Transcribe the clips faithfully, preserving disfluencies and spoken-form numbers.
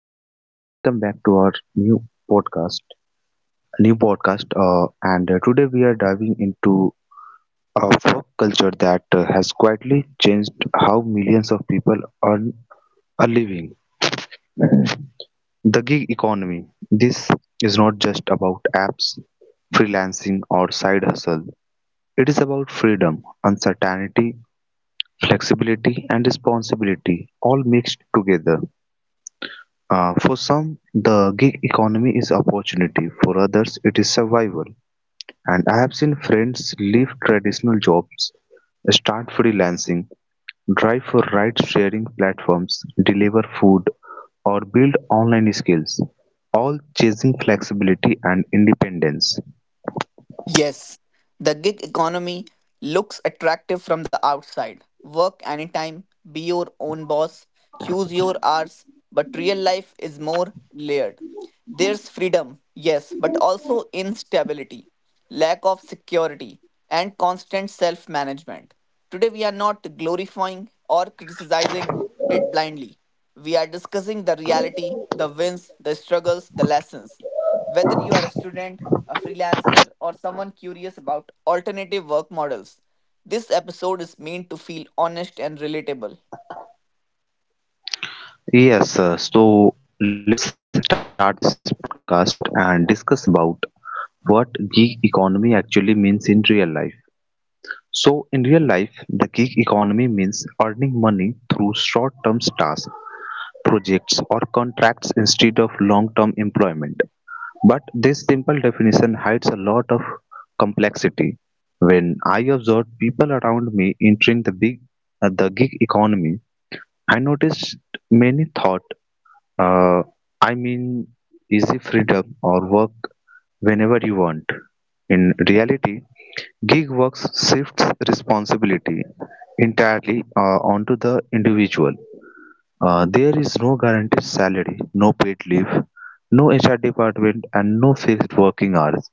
everyone and welcome back to our new podcast new podcast uh, and uh, today we are diving into a folk culture that uh, has quietly changed how millions of people earn a living, the gig economy. This is not just about apps, freelancing or side hustle. It is about freedom, uncertainty, flexibility and responsibility, all mixed together. Uh, For some, the gig economy is opportunity; for others, it is survival. And I have seen friends leave traditional jobs, start freelancing, drive for ride sharing platforms, deliver food, or build online skills, all chasing flexibility and independence. Yes, the gig economy looks attractive from the outside. Work anytime, be your own boss, choose your hours, but real life is more layered. There's freedom, yes, but also instability, lack of security, and constant self management. Today, we are not glorifying or criticizing it blindly. We are discussing the reality, the wins, the struggles, the lessons. Whether you are a student, a freelancer, or someone curious about alternative work models. This episode is meant to feel honest and relatable. Yes, sir. So let's start this podcast and discuss about what gig economy actually means in real life. So in real life, the gig economy means earning money through short-term tasks, projects or contracts instead of long-term employment. But this simple definition hides a lot of complexity. When I observed people around me entering the big uh, the gig economy, I noticed many thought uh, I mean easy freedom or work whenever you want. In reality, gig work shifts responsibility entirely uh, onto the individual. Uh, there is no guaranteed salary, no paid leave, no H R department, and no fixed working hours.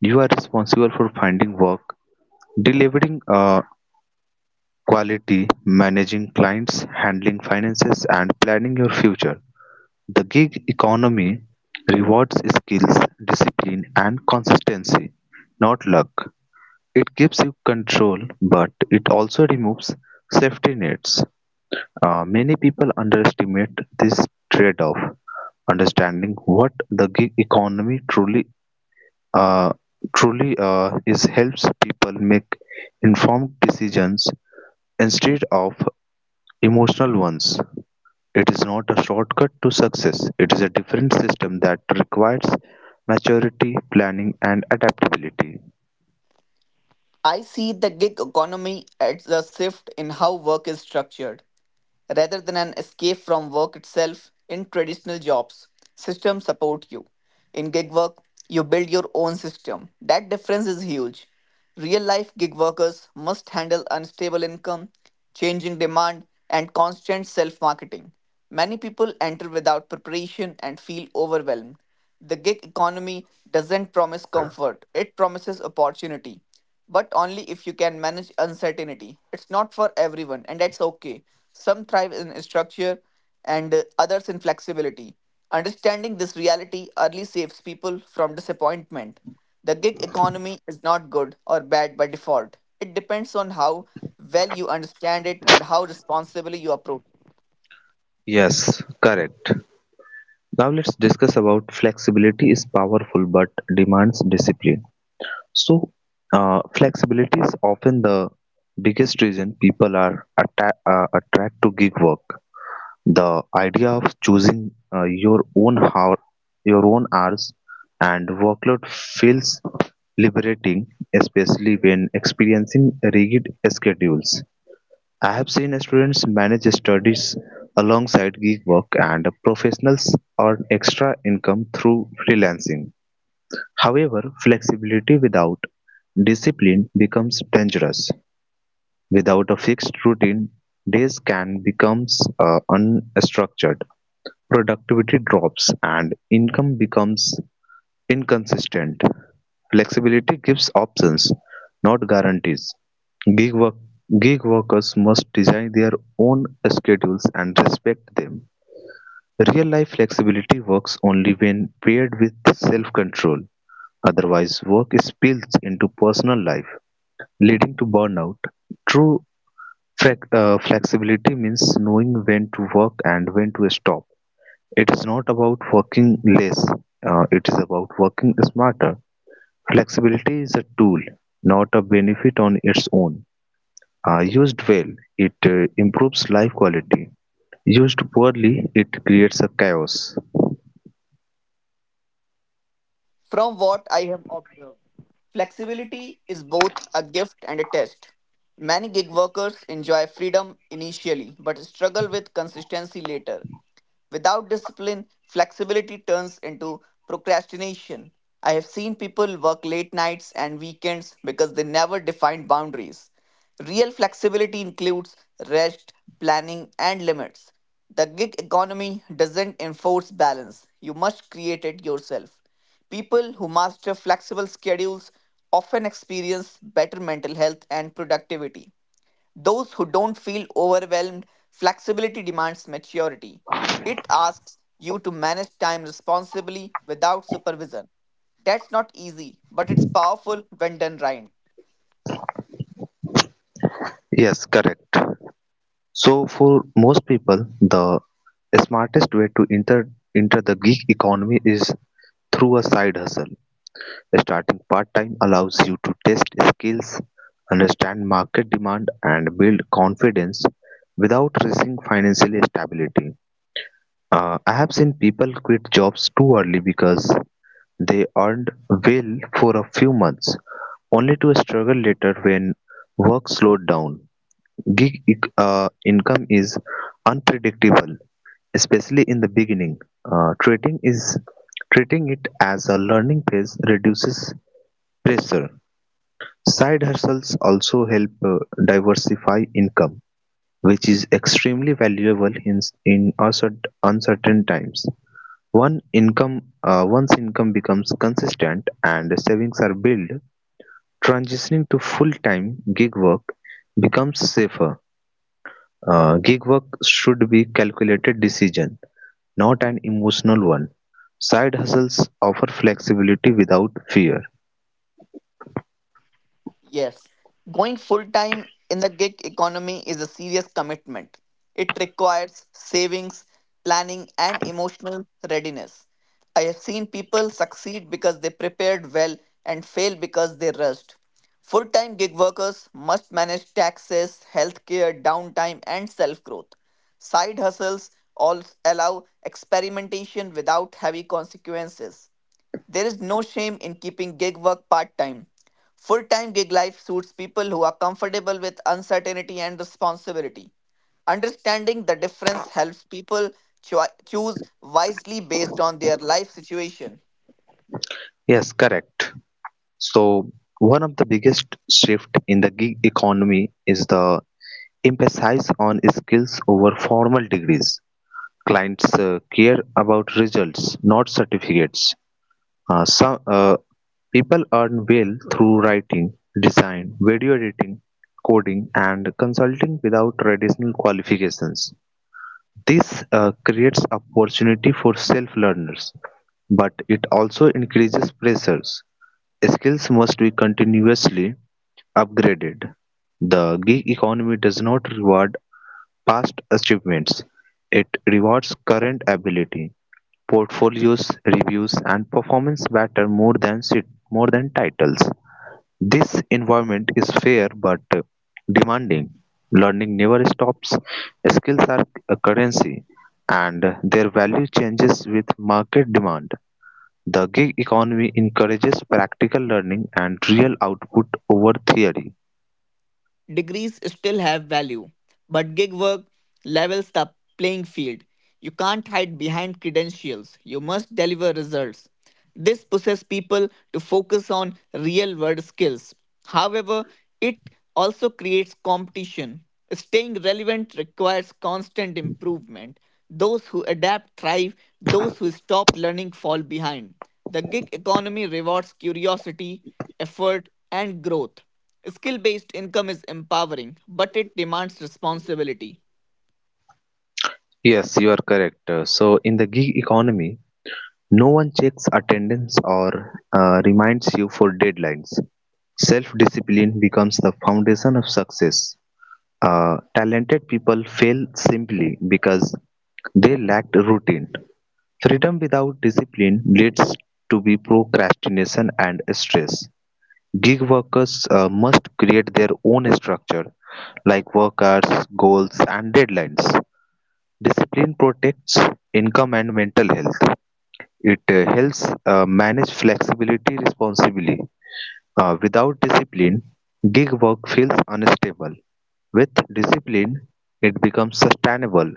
You are responsible for finding work, delivering uh, quality, managing clients, handling finances, and planning your future. The gig economy rewards skills, discipline, and consistency, not luck. It gives you control, but it also removes safety nets. Uh, many people underestimate this trade-off. Understanding what the gig economy truly uh, truly uh, is helps people make informed decisions instead of emotional ones. It is not a shortcut to success. It is a different system that requires maturity, planning, and adaptability. I see the gig economy as a shift in how work is structured, rather than an escape from work itself. In traditional jobs, systems support you. In gig work, you build your own system. That difference is huge. Real life gig workers must handle unstable income, changing demand, and constant self marketing. Many people enter without preparation and feel overwhelmed. The gig economy doesn't promise comfort, it promises opportunity, but only if you can manage uncertainty. It's not for everyone, and that's okay. Some thrive in structure and uh, others in flexibility. Understanding this reality early saves people from disappointment. The gig economy is not good or bad by default. It depends on how well you understand it and how responsibly you approach. Yes, correct. Now let's discuss about flexibility is powerful but demands discipline. So, uh, flexibility is often the biggest reason people are atta- uh, attracted to gig work. The idea of choosing uh, your own hour, your own hours, and workload feels liberating, especially when experiencing rigid schedules. I have seen students manage studies alongside gig work and professionals earn extra income through freelancing. However, flexibility without discipline becomes dangerous. Without a fixed routine, days can become uh, unstructured. Productivity drops and income becomes inconsistent. Flexibility gives options, not guarantees. Gig work- Gig workers must design their own schedules and respect them. Real life flexibility works only when paired with self control, otherwise, work spills into personal life, leading to burnout. True flex- uh, flexibility means knowing when to work and when to stop. It is not about working less, uh, it is about working smarter. Flexibility is a tool, not a benefit on its own. Uh, used well, it uh, improves life quality. Used poorly, it creates a chaos. From what I have observed, flexibility is both a gift and a test. Many gig workers enjoy freedom initially but struggle with consistency later. Without discipline, flexibility turns into procrastination. I have seen people work late nights and weekends because they never defined boundaries. Real flexibility includes rest, planning, and limits. The gig economy doesn't enforce balance, you must create it yourself. People who master flexible schedules often experience better mental health and productivity. Those who don't feel overwhelmed, flexibility demands maturity. It asks you to manage time responsibly without supervision. That's not easy, but it's powerful when done right. Yes, correct. So, for most people, the smartest way to enter enter the gig economy is through a side hustle. Starting part time allows you to test skills, understand market demand, and build confidence without risking financial stability. Uh, I have seen people quit jobs too early because they earned well for a few months, only to struggle later when work slowed down. Gig ec- uh, income is unpredictable, especially in the beginning. Uh, treating is Treating it as a learning phase reduces pressure. Side hustles also help uh, diversify income, which is extremely valuable in, in uncertain uncertain times. One income, uh, Once income becomes consistent and savings are built, transitioning to full-time gig work becomes safer. Uh, gig work should be calculated decision, not an emotional one. Side hustles offer flexibility without fear. Yes, going full time in the gig economy is a serious commitment. It requires savings, planning, and emotional readiness. I have seen people succeed because they prepared well and fail because they rushed. Full time gig workers must manage taxes, healthcare, downtime, and self growth. Side hustles all allow experimentation without heavy consequences. There is no shame in keeping gig work part time. Full time gig life suits people who are comfortable with uncertainty and responsibility. Understanding the difference helps people choi- choose wisely based on their life situation. Yes, correct. So, one of the biggest shift in the gig economy is the emphasis on skills over formal degrees. Clients uh, care about results, not certificates. Uh, some uh, People earn well through writing, design, video editing, coding, and consulting without traditional qualifications. This uh, creates opportunity for self-learners, but it also increases pressures. Skills must be continuously upgraded. The gig economy does not reward past achievements; it rewards current ability. Portfolios, reviews, and performance matter more than sit- more than titles. This environment is fair but uh, demanding. Learning never stops. Skills are a currency, and their value changes with market demand. The gig economy encourages practical learning and real output over theory. Degrees still have value, but gig work levels the playing field. You can't hide behind credentials. You must deliver results. This pushes people to focus on real world skills. However, it also creates competition. Staying relevant requires constant improvement. Those who adapt thrive, those who stop learning fall behind. The gig economy rewards curiosity, effort, and growth. Skill based income is empowering, but it demands responsibility. Yes, you are correct. Uh, So, in the gig economy, no one checks attendance or uh, reminds you for deadlines. Self-discipline becomes the foundation of success. Uh, talented people fail simply because they lacked routine. Freedom without discipline leads to be procrastination and stress. Gig workers uh, must create their own structure, like work hours, goals, and deadlines. Discipline protects income and mental health. It uh, helps uh, manage flexibility responsibly. Uh, without discipline, gig work feels unstable. With discipline, it becomes sustainable.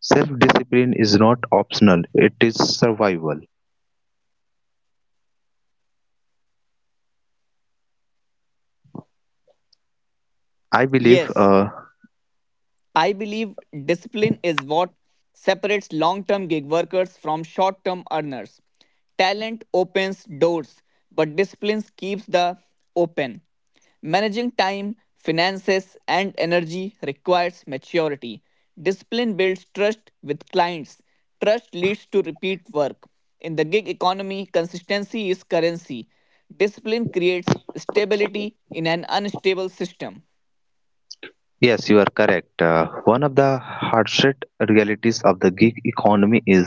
Self discipline is not optional, it is survival. I believe, Yes, uh, I believe discipline is what separates long term gig workers from short term earners. Talent opens doors, but discipline keeps the open. Managing time, finances, and energy requires maturity. Discipline builds trust with clients. Trust leads to repeat work. In the gig economy, consistency is currency. Discipline creates stability in an unstable system. yes, you are correct. Uh, one of the hardest realities of the gig economy is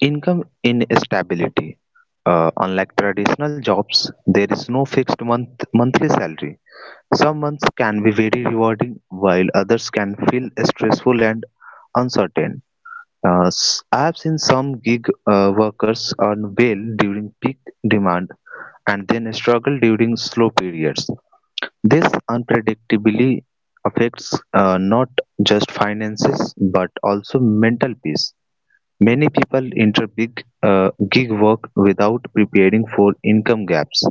income instability. Uh, unlike traditional jobs, there is no fixed month- monthly salary. Some months can be very rewarding, while others can feel stressful and uncertain. Uh, s- I have seen some gig uh, workers earn well during peak demand and then struggle during slow periods. This unpredictability affects uh, not just finances but also mental peace. Many people enter big uh, gig work without preparing for income gaps.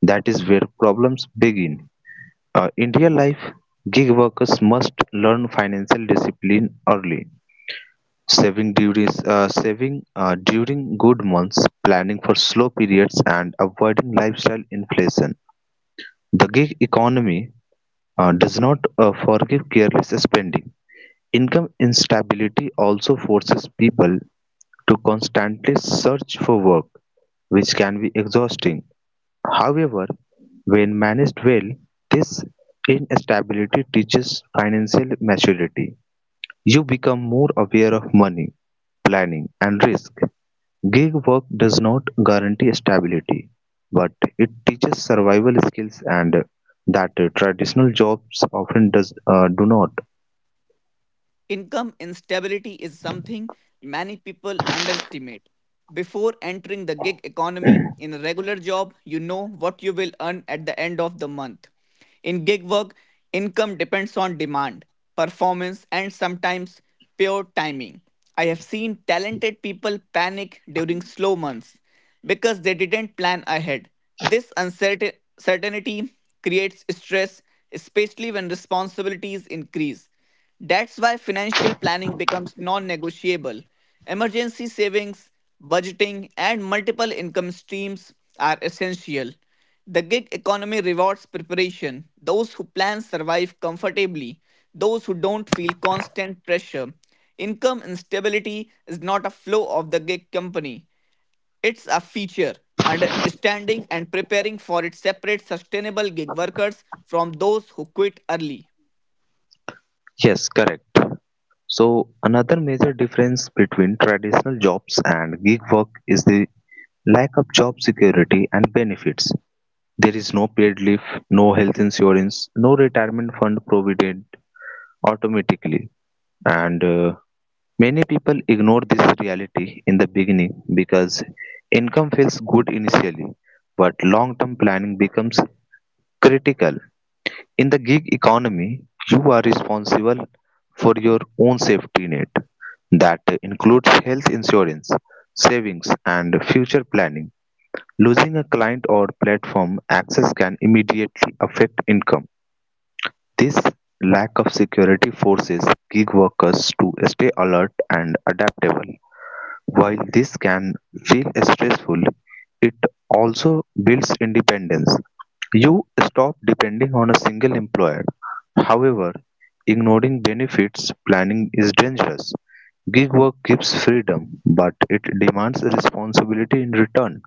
That is where problems begin. Uh, in real life, gig workers must learn financial discipline early. Saving during uh, saving uh, during good months, planning for slow periods, and avoiding lifestyle inflation. The gig economy uh, does not uh, forgive careless spending. Income instability also forces people to constantly search for work, which can be exhausting. However, when managed well, this instability teaches financial maturity. You become more aware of money, planning, and risk. Gig work does not guarantee stability, but it teaches survival skills and that traditional jobs often does uh, do not. Income instability is something many people underestimate. Before entering the gig economy, in a regular job, you know what you will earn at the end of the month. In gig work, income depends on demand, performance, and sometimes pure timing. I have seen talented people panic during slow months because they didn't plan ahead. This uncertainty creates stress, especially when responsibilities increase. That's why financial planning becomes non negotiable. Emergency savings, budgeting, and multiple income streams are essential. The gig economy rewards preparation. Those who plan survive comfortably, those who don't feel constant pressure. Income instability is not a flaw of the gig company, it's a feature. Understanding and preparing for it separates sustainable gig workers from those who quit early. Yes, correct. So another major difference between traditional jobs and gig work is the lack of job security and benefits. There is no paid leave, no health insurance, no retirement fund provided automatically. And uh, Many people ignore this reality in the beginning because income feels good initially, but long term planning becomes critical. In the gig economy, you are responsible for your own safety net that includes health insurance, savings, and future planning. Losing a client or platform access can immediately affect income. This lack of security forces gig workers to stay alert and adaptable. While this can feel stressful, it also builds independence. You stop depending on a single employer. However, ignoring benefits planning is dangerous. Gig work gives freedom, but it demands responsibility in return.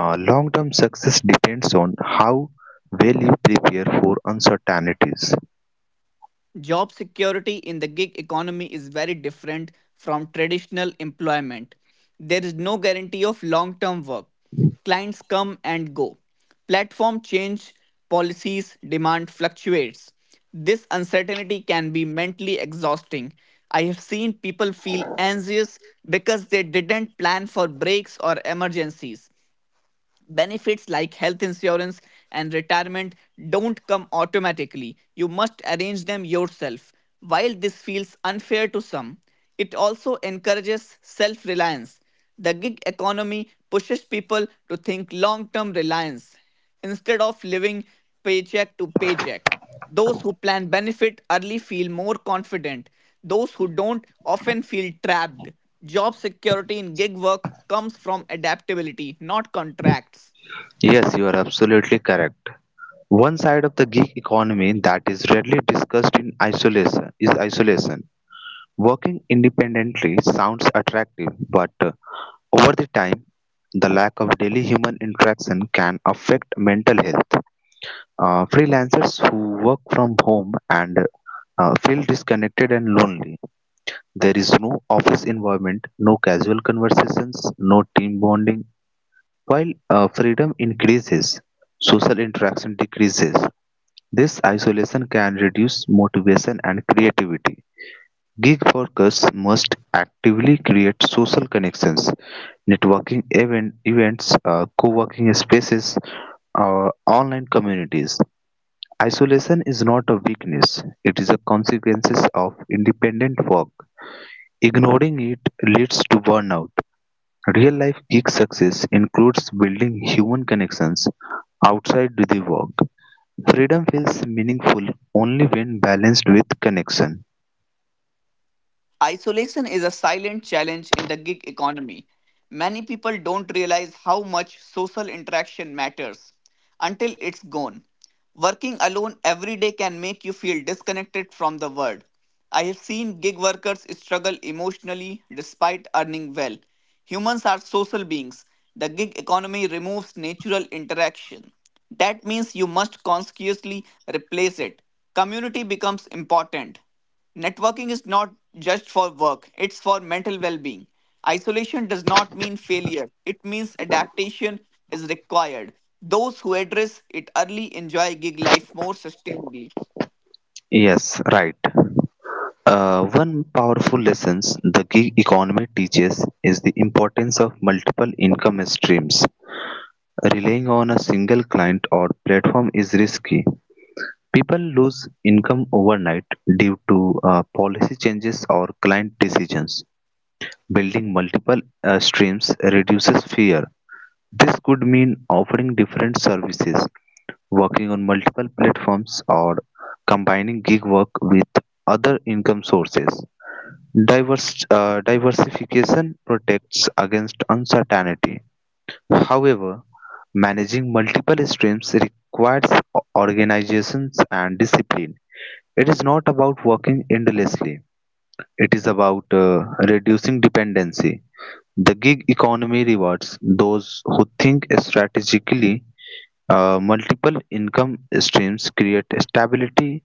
Uh, long term success depends on how well you prepare for uncertainties. Job security in the gig economy is very different from traditional employment. There is no guarantee of long term work. Clients come and go. Platform change, policies, demand fluctuates. This uncertainty can be mentally exhausting. I have seen people feel anxious because they didn't plan for breaks or emergencies. Benefits like health insurance and retirement don't come automatically. You must arrange them yourself. While this feels unfair to some, it also encourages self reliance. The gig economy pushes people to think long term reliance instead of living paycheck to paycheck. Those who plan benefit early feel more confident. Those who don't often feel trapped. Job security in gig work comes from adaptability, not contracts. Yes, you are absolutely correct. One side of the gig economy that is rarely discussed in isolation is isolation. Working independently sounds attractive, but uh, over the time, the lack of daily human interaction can affect mental health. Uh, freelancers who work from home and uh, feel disconnected and lonely. There is no office environment, no casual conversations, no team bonding. While uh, freedom increases, social interaction decreases. This isolation can reduce motivation and creativity. Gig workers must actively create social connections, networking event, events, uh, co-working spaces, or online communities. Isolation is not a weakness; it is a consequence of independent work. Ignoring it leads to burnout. Real-life gig success includes building human connections outside the work. Freedom feels meaningful only when balanced with connection. Isolation is a silent challenge in the gig economy. Many people don't realize how much social interaction matters until it's gone. Working alone every day can make you feel disconnected from the world. I have seen gig workers struggle emotionally despite earning well. Humans are social beings. The gig economy removes natural interaction. That means you must consciously replace it. Community becomes important. Networking is not just for work, it's for mental well being. Isolation does not mean failure, it means adaptation is required. Those who address it early enjoy gig life more sustainably. Yes, right. Uh, one powerful lesson the gig economy teaches is the importance of multiple income streams. Relying on a single client or platform is risky. People lose income overnight due to uh, policy changes or client decisions. Building multiple uh, streams reduces fear. This could mean offering different services, working on multiple platforms or combining gig work with other income sources. Divers, uh, diversification protects against uncertainty. However, managing multiple streams requires o- organizations and discipline. It is not about working endlessly, it is about uh, reducing dependency. The gig economy rewards those who think strategically. Uh, multiple income streams create stability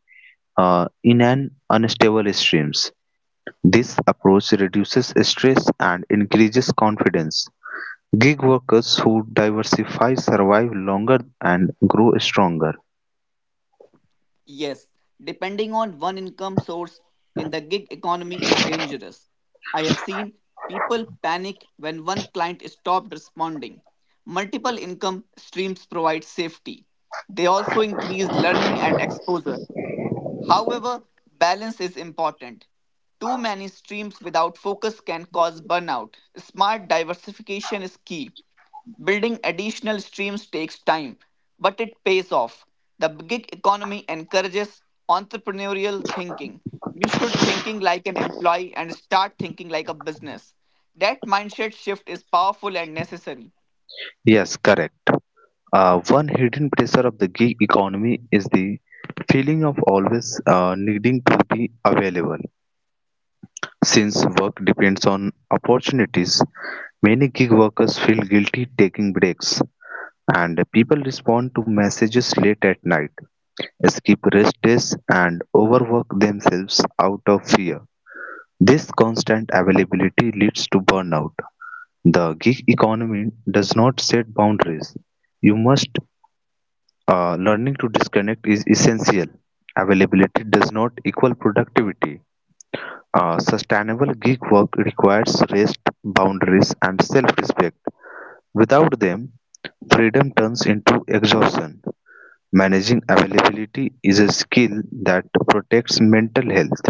uh, in an unstable streams. This approach reduces stress and increases confidence. Gig workers who diversify survive longer and grow stronger. Yes, depending on one income source in the gig economy is dangerous. I have seen people panic when one client stopped responding. Multiple income streams provide safety. They also increase learning and exposure. However, balance is important. Too many streams without focus can cause burnout. Smart diversification is key. Building additional streams takes time, but it pays off. The gig economy encourages entrepreneurial thinking. You should thinking like an employee and start thinking like a business. That mindset shift is powerful and necessary. Yes, correct. Uh, one hidden pressure of the gig economy is the feeling of always uh, needing to be available. Since work depends on opportunities, many gig workers feel guilty taking breaks. And people respond to messages late at night, skip rest days, and overwork themselves out of fear. This constant availability leads to burnout. The gig economy does not set boundaries. You must uh, Learning to disconnect is essential. Availability does not equal productivity. Uh, sustainable gig work requires rest, boundaries, and self-respect. Without them, freedom turns into exhaustion. Managing availability is a skill that protects mental health.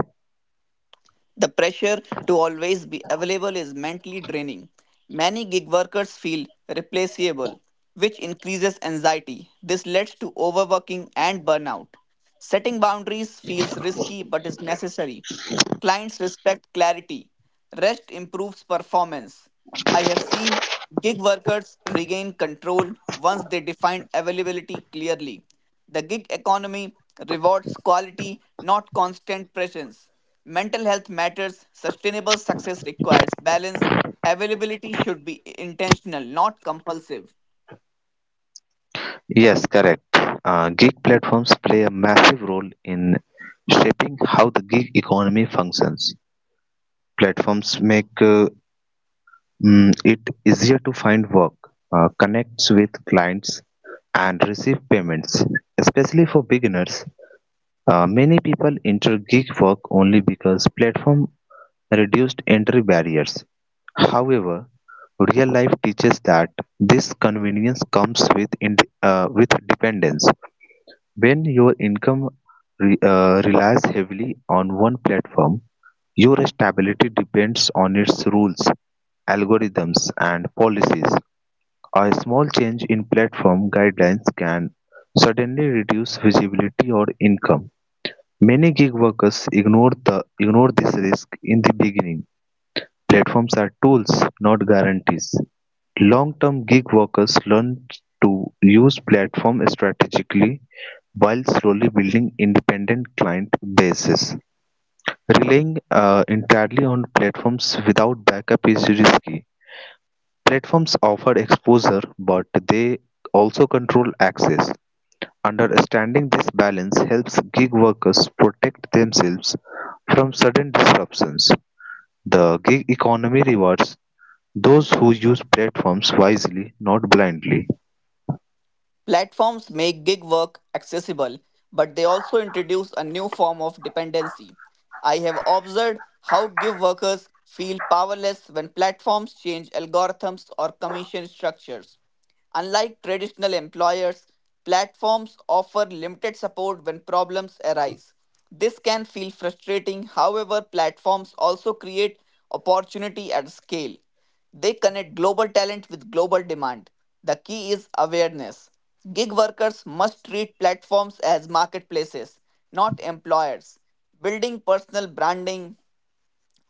The pressure to always be available is mentally draining. Many gig workers feel replaceable, which increases anxiety. This leads to overworking and burnout. Setting boundaries feels risky but is necessary. Clients respect clarity. Rest improves performance. I have seen gig workers regain control once they define availability clearly. The gig economy rewards quality, not constant presence. Mental health matters. Sustainable success requires balance. Availability should be intentional, not compulsive. Yes, correct. Uh, gig platforms play a massive role in shaping how the gig economy functions. Platforms make uh, mm, it easier to find work, uh, connects with clients, and receive payments. Especially for beginners, uh, many people enter gig work only because platform reduced entry barriers. However, real life teaches that this convenience comes with ind uh, with dependence. When your income re- uh, relies heavily on one platform, your stability depends on its rules, algorithms, and policies. A small change in platform guidelines can suddenly reduce visibility or income. Many gig workers ignore the ignore this risk in the beginning. Platforms are tools, not guarantees. Long-term gig workers learn to use platforms strategically while slowly building independent client bases. Relying uh, entirely on platforms without backup is risky. Platforms offer exposure, but they also control access. Understanding this balance helps gig workers protect themselves from sudden disruptions. The gig economy rewards those who use platforms wisely, not blindly. Platforms make gig work accessible, but they also introduce a new form of dependency. I have observed how gig workers feel powerless when platforms change algorithms or commission structures. Unlike traditional employers, platforms offer limited support when problems arise. This can feel frustrating, however, platforms also create opportunity at scale. They connect global talent with global demand. The key is awareness. Gig workers must treat platforms as marketplaces, not employers. Building personal branding,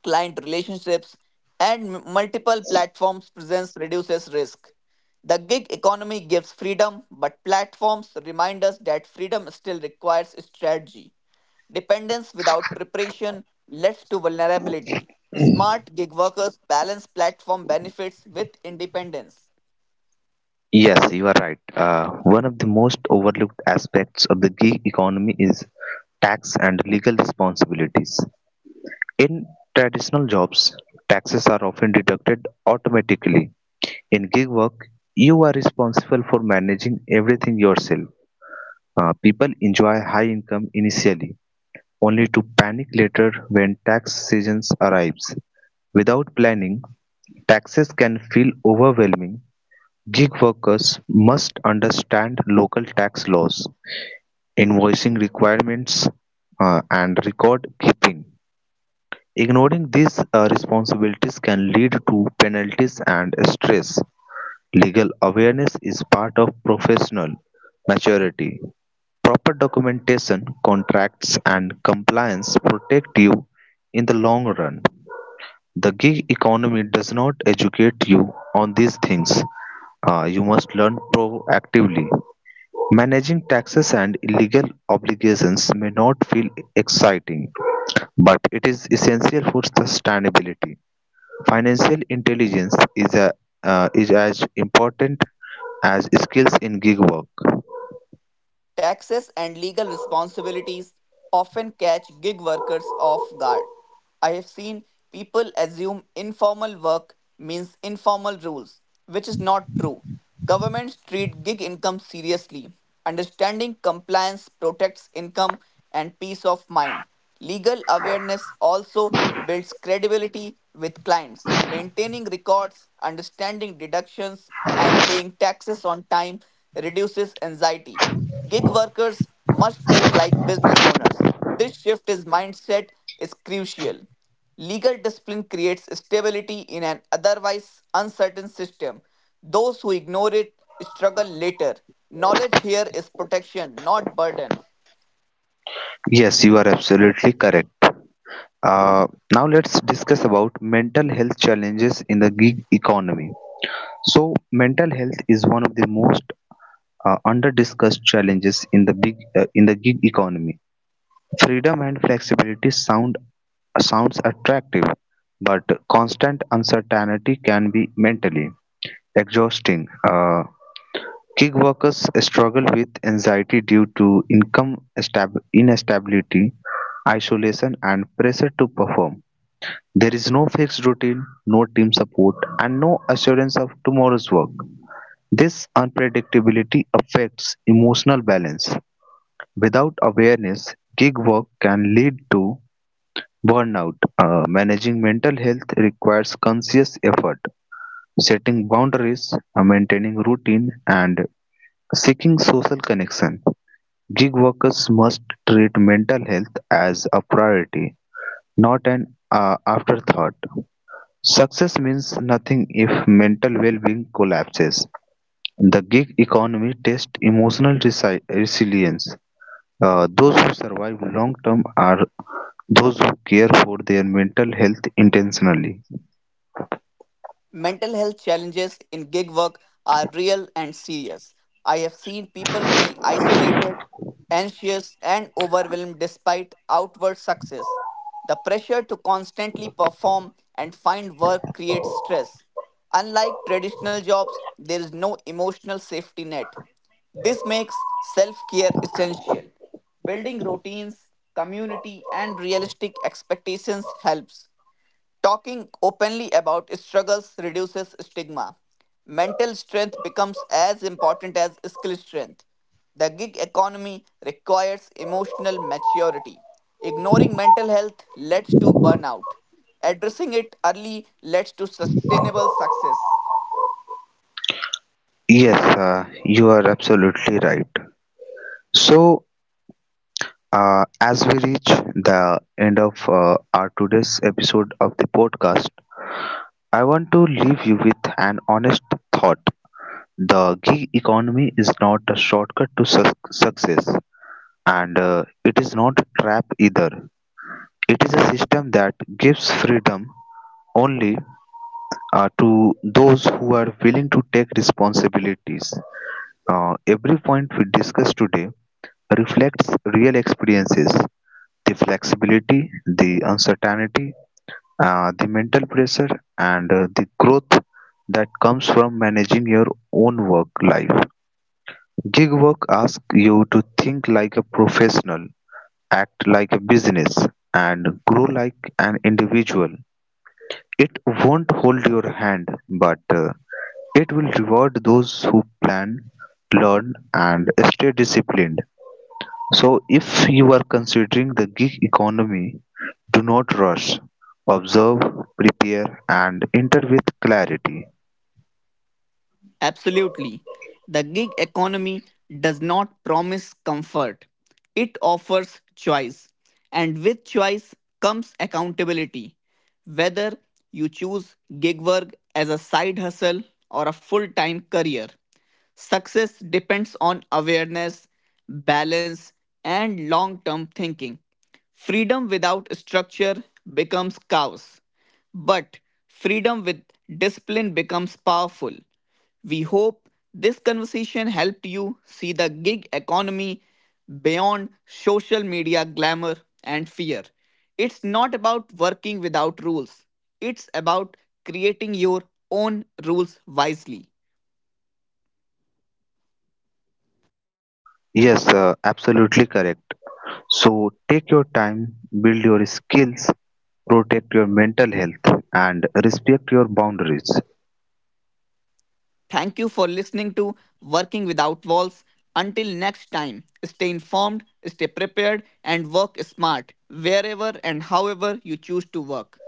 client relationships, and m- multiple platforms' presence reduces risk. The gig economy gives freedom, but platforms remind us that freedom still requires strategy. Dependence without preparation leads to vulnerability. Smart gig workers balance platform benefits with independence. Yes, you are right. Uh, one of the most overlooked aspects of the gig economy is tax and legal responsibilities. In traditional jobs, taxes are often deducted automatically. In gig work, you are responsible for managing everything yourself. Uh, people enjoy high income initially, only to panic later when tax season arrives. Without planning, taxes can feel overwhelming. Gig workers must understand local tax laws, invoicing requirements, uh, and record keeping. Ignoring these uh, responsibilities can lead to penalties and stress. Legal awareness is part of professional maturity. Proper documentation, contracts, and compliance protect you in the long run. The gig economy does not educate you on these things. Uh, you must learn proactively. Managing taxes and legal obligations may not feel exciting, but it is essential for sustainability. Financial intelligence is, a, uh, is as important as skills in gig work. Taxes and legal responsibilities often catch gig workers off guard. I have seen people assume informal work means informal rules, which is not true. Governments treat gig income seriously. Understanding compliance protects income and peace of mind. Legal awareness also builds credibility with clients. Maintaining records, understanding deductions, and paying taxes on time reduces anxiety. Gig workers must think like business owners. This shift in mindset is crucial. Legal discipline creates stability in an otherwise uncertain system. Those who ignore it struggle later. Knowledge here is protection, not burden. Yes, you are absolutely correct. Uh, Now let's discuss about mental health challenges in the gig economy. So, mental health is one of the most uh, under-discussed challenges in the big uh, in the gig economy. Freedom and flexibility sound sounds attractive, but constant uncertainty can be mentally exhausting. Uh, gig workers struggle with anxiety due to income stab- instability, isolation, and pressure to perform. There is no fixed routine, no team support, and no assurance of tomorrow's work. This unpredictability affects emotional balance. Without awareness, gig work can lead to burnout. uh, Managing mental health requires conscious effort, setting boundaries, uh, maintaining routine, and seeking social connection. Gig workers must treat mental health as a priority, not an uh, afterthought. Success means nothing if mental well being collapses. The gig economy tests emotional resi- resilience. Uh, those who survive long term are those who care for their mental health intentionally. Mental health challenges in gig work are real and serious. I have seen people feel isolated, anxious, and overwhelmed despite outward success. The pressure to constantly perform and find work creates stress. Unlike traditional jobs, there is no emotional safety net. This makes self care essential. Building routines, community, and realistic expectations helps. Talking openly about struggles reduces stigma. Mental strength becomes as important as skill strength. The gig economy requires emotional maturity. Ignoring mental health leads to burnout. Addressing it early leads to sustainable success. Yes, uh, you are absolutely right. So, uh, as we reach the end of uh, our today's episode of the podcast, I want to leave you with an honest thought. The gig economy is not a shortcut to suc success, and uh, it is not a trap either. It is a system that gives freedom only uh, to those who are willing to take responsibilities. Uh, every point we discussed today reflects real experiences, the flexibility, the uncertainty, uh, the mental pressure, and uh, the growth that comes from managing your own work life. Gig work asks you to think like a professional, act like a business, and grow like an individual. It won't hold your hand, but uh, it will reward those who plan, learn, and stay disciplined. So if you are considering the gig economy, do not rush. Observe, prepare, and enter with clarity. Absolutely. The gig economy does not promise comfort, it offers choice. And with choice comes accountability. Whether you choose gig work as a side hustle or a full time career, success depends on awareness, balance, and long term thinking. Freedom without structure becomes chaos, but freedom with discipline becomes powerful. We hope this conversation helped you see the gig economy beyond social media glamour and fear. It's not about working without rules, it's about creating your own rules wisely. Yes, uh, absolutely correct. So take your time, build your skills, protect your mental health, and respect your boundaries. Thank you for listening to Working Without Walls. Until next time, stay informed, stay prepared, and work smart wherever and however you choose to work.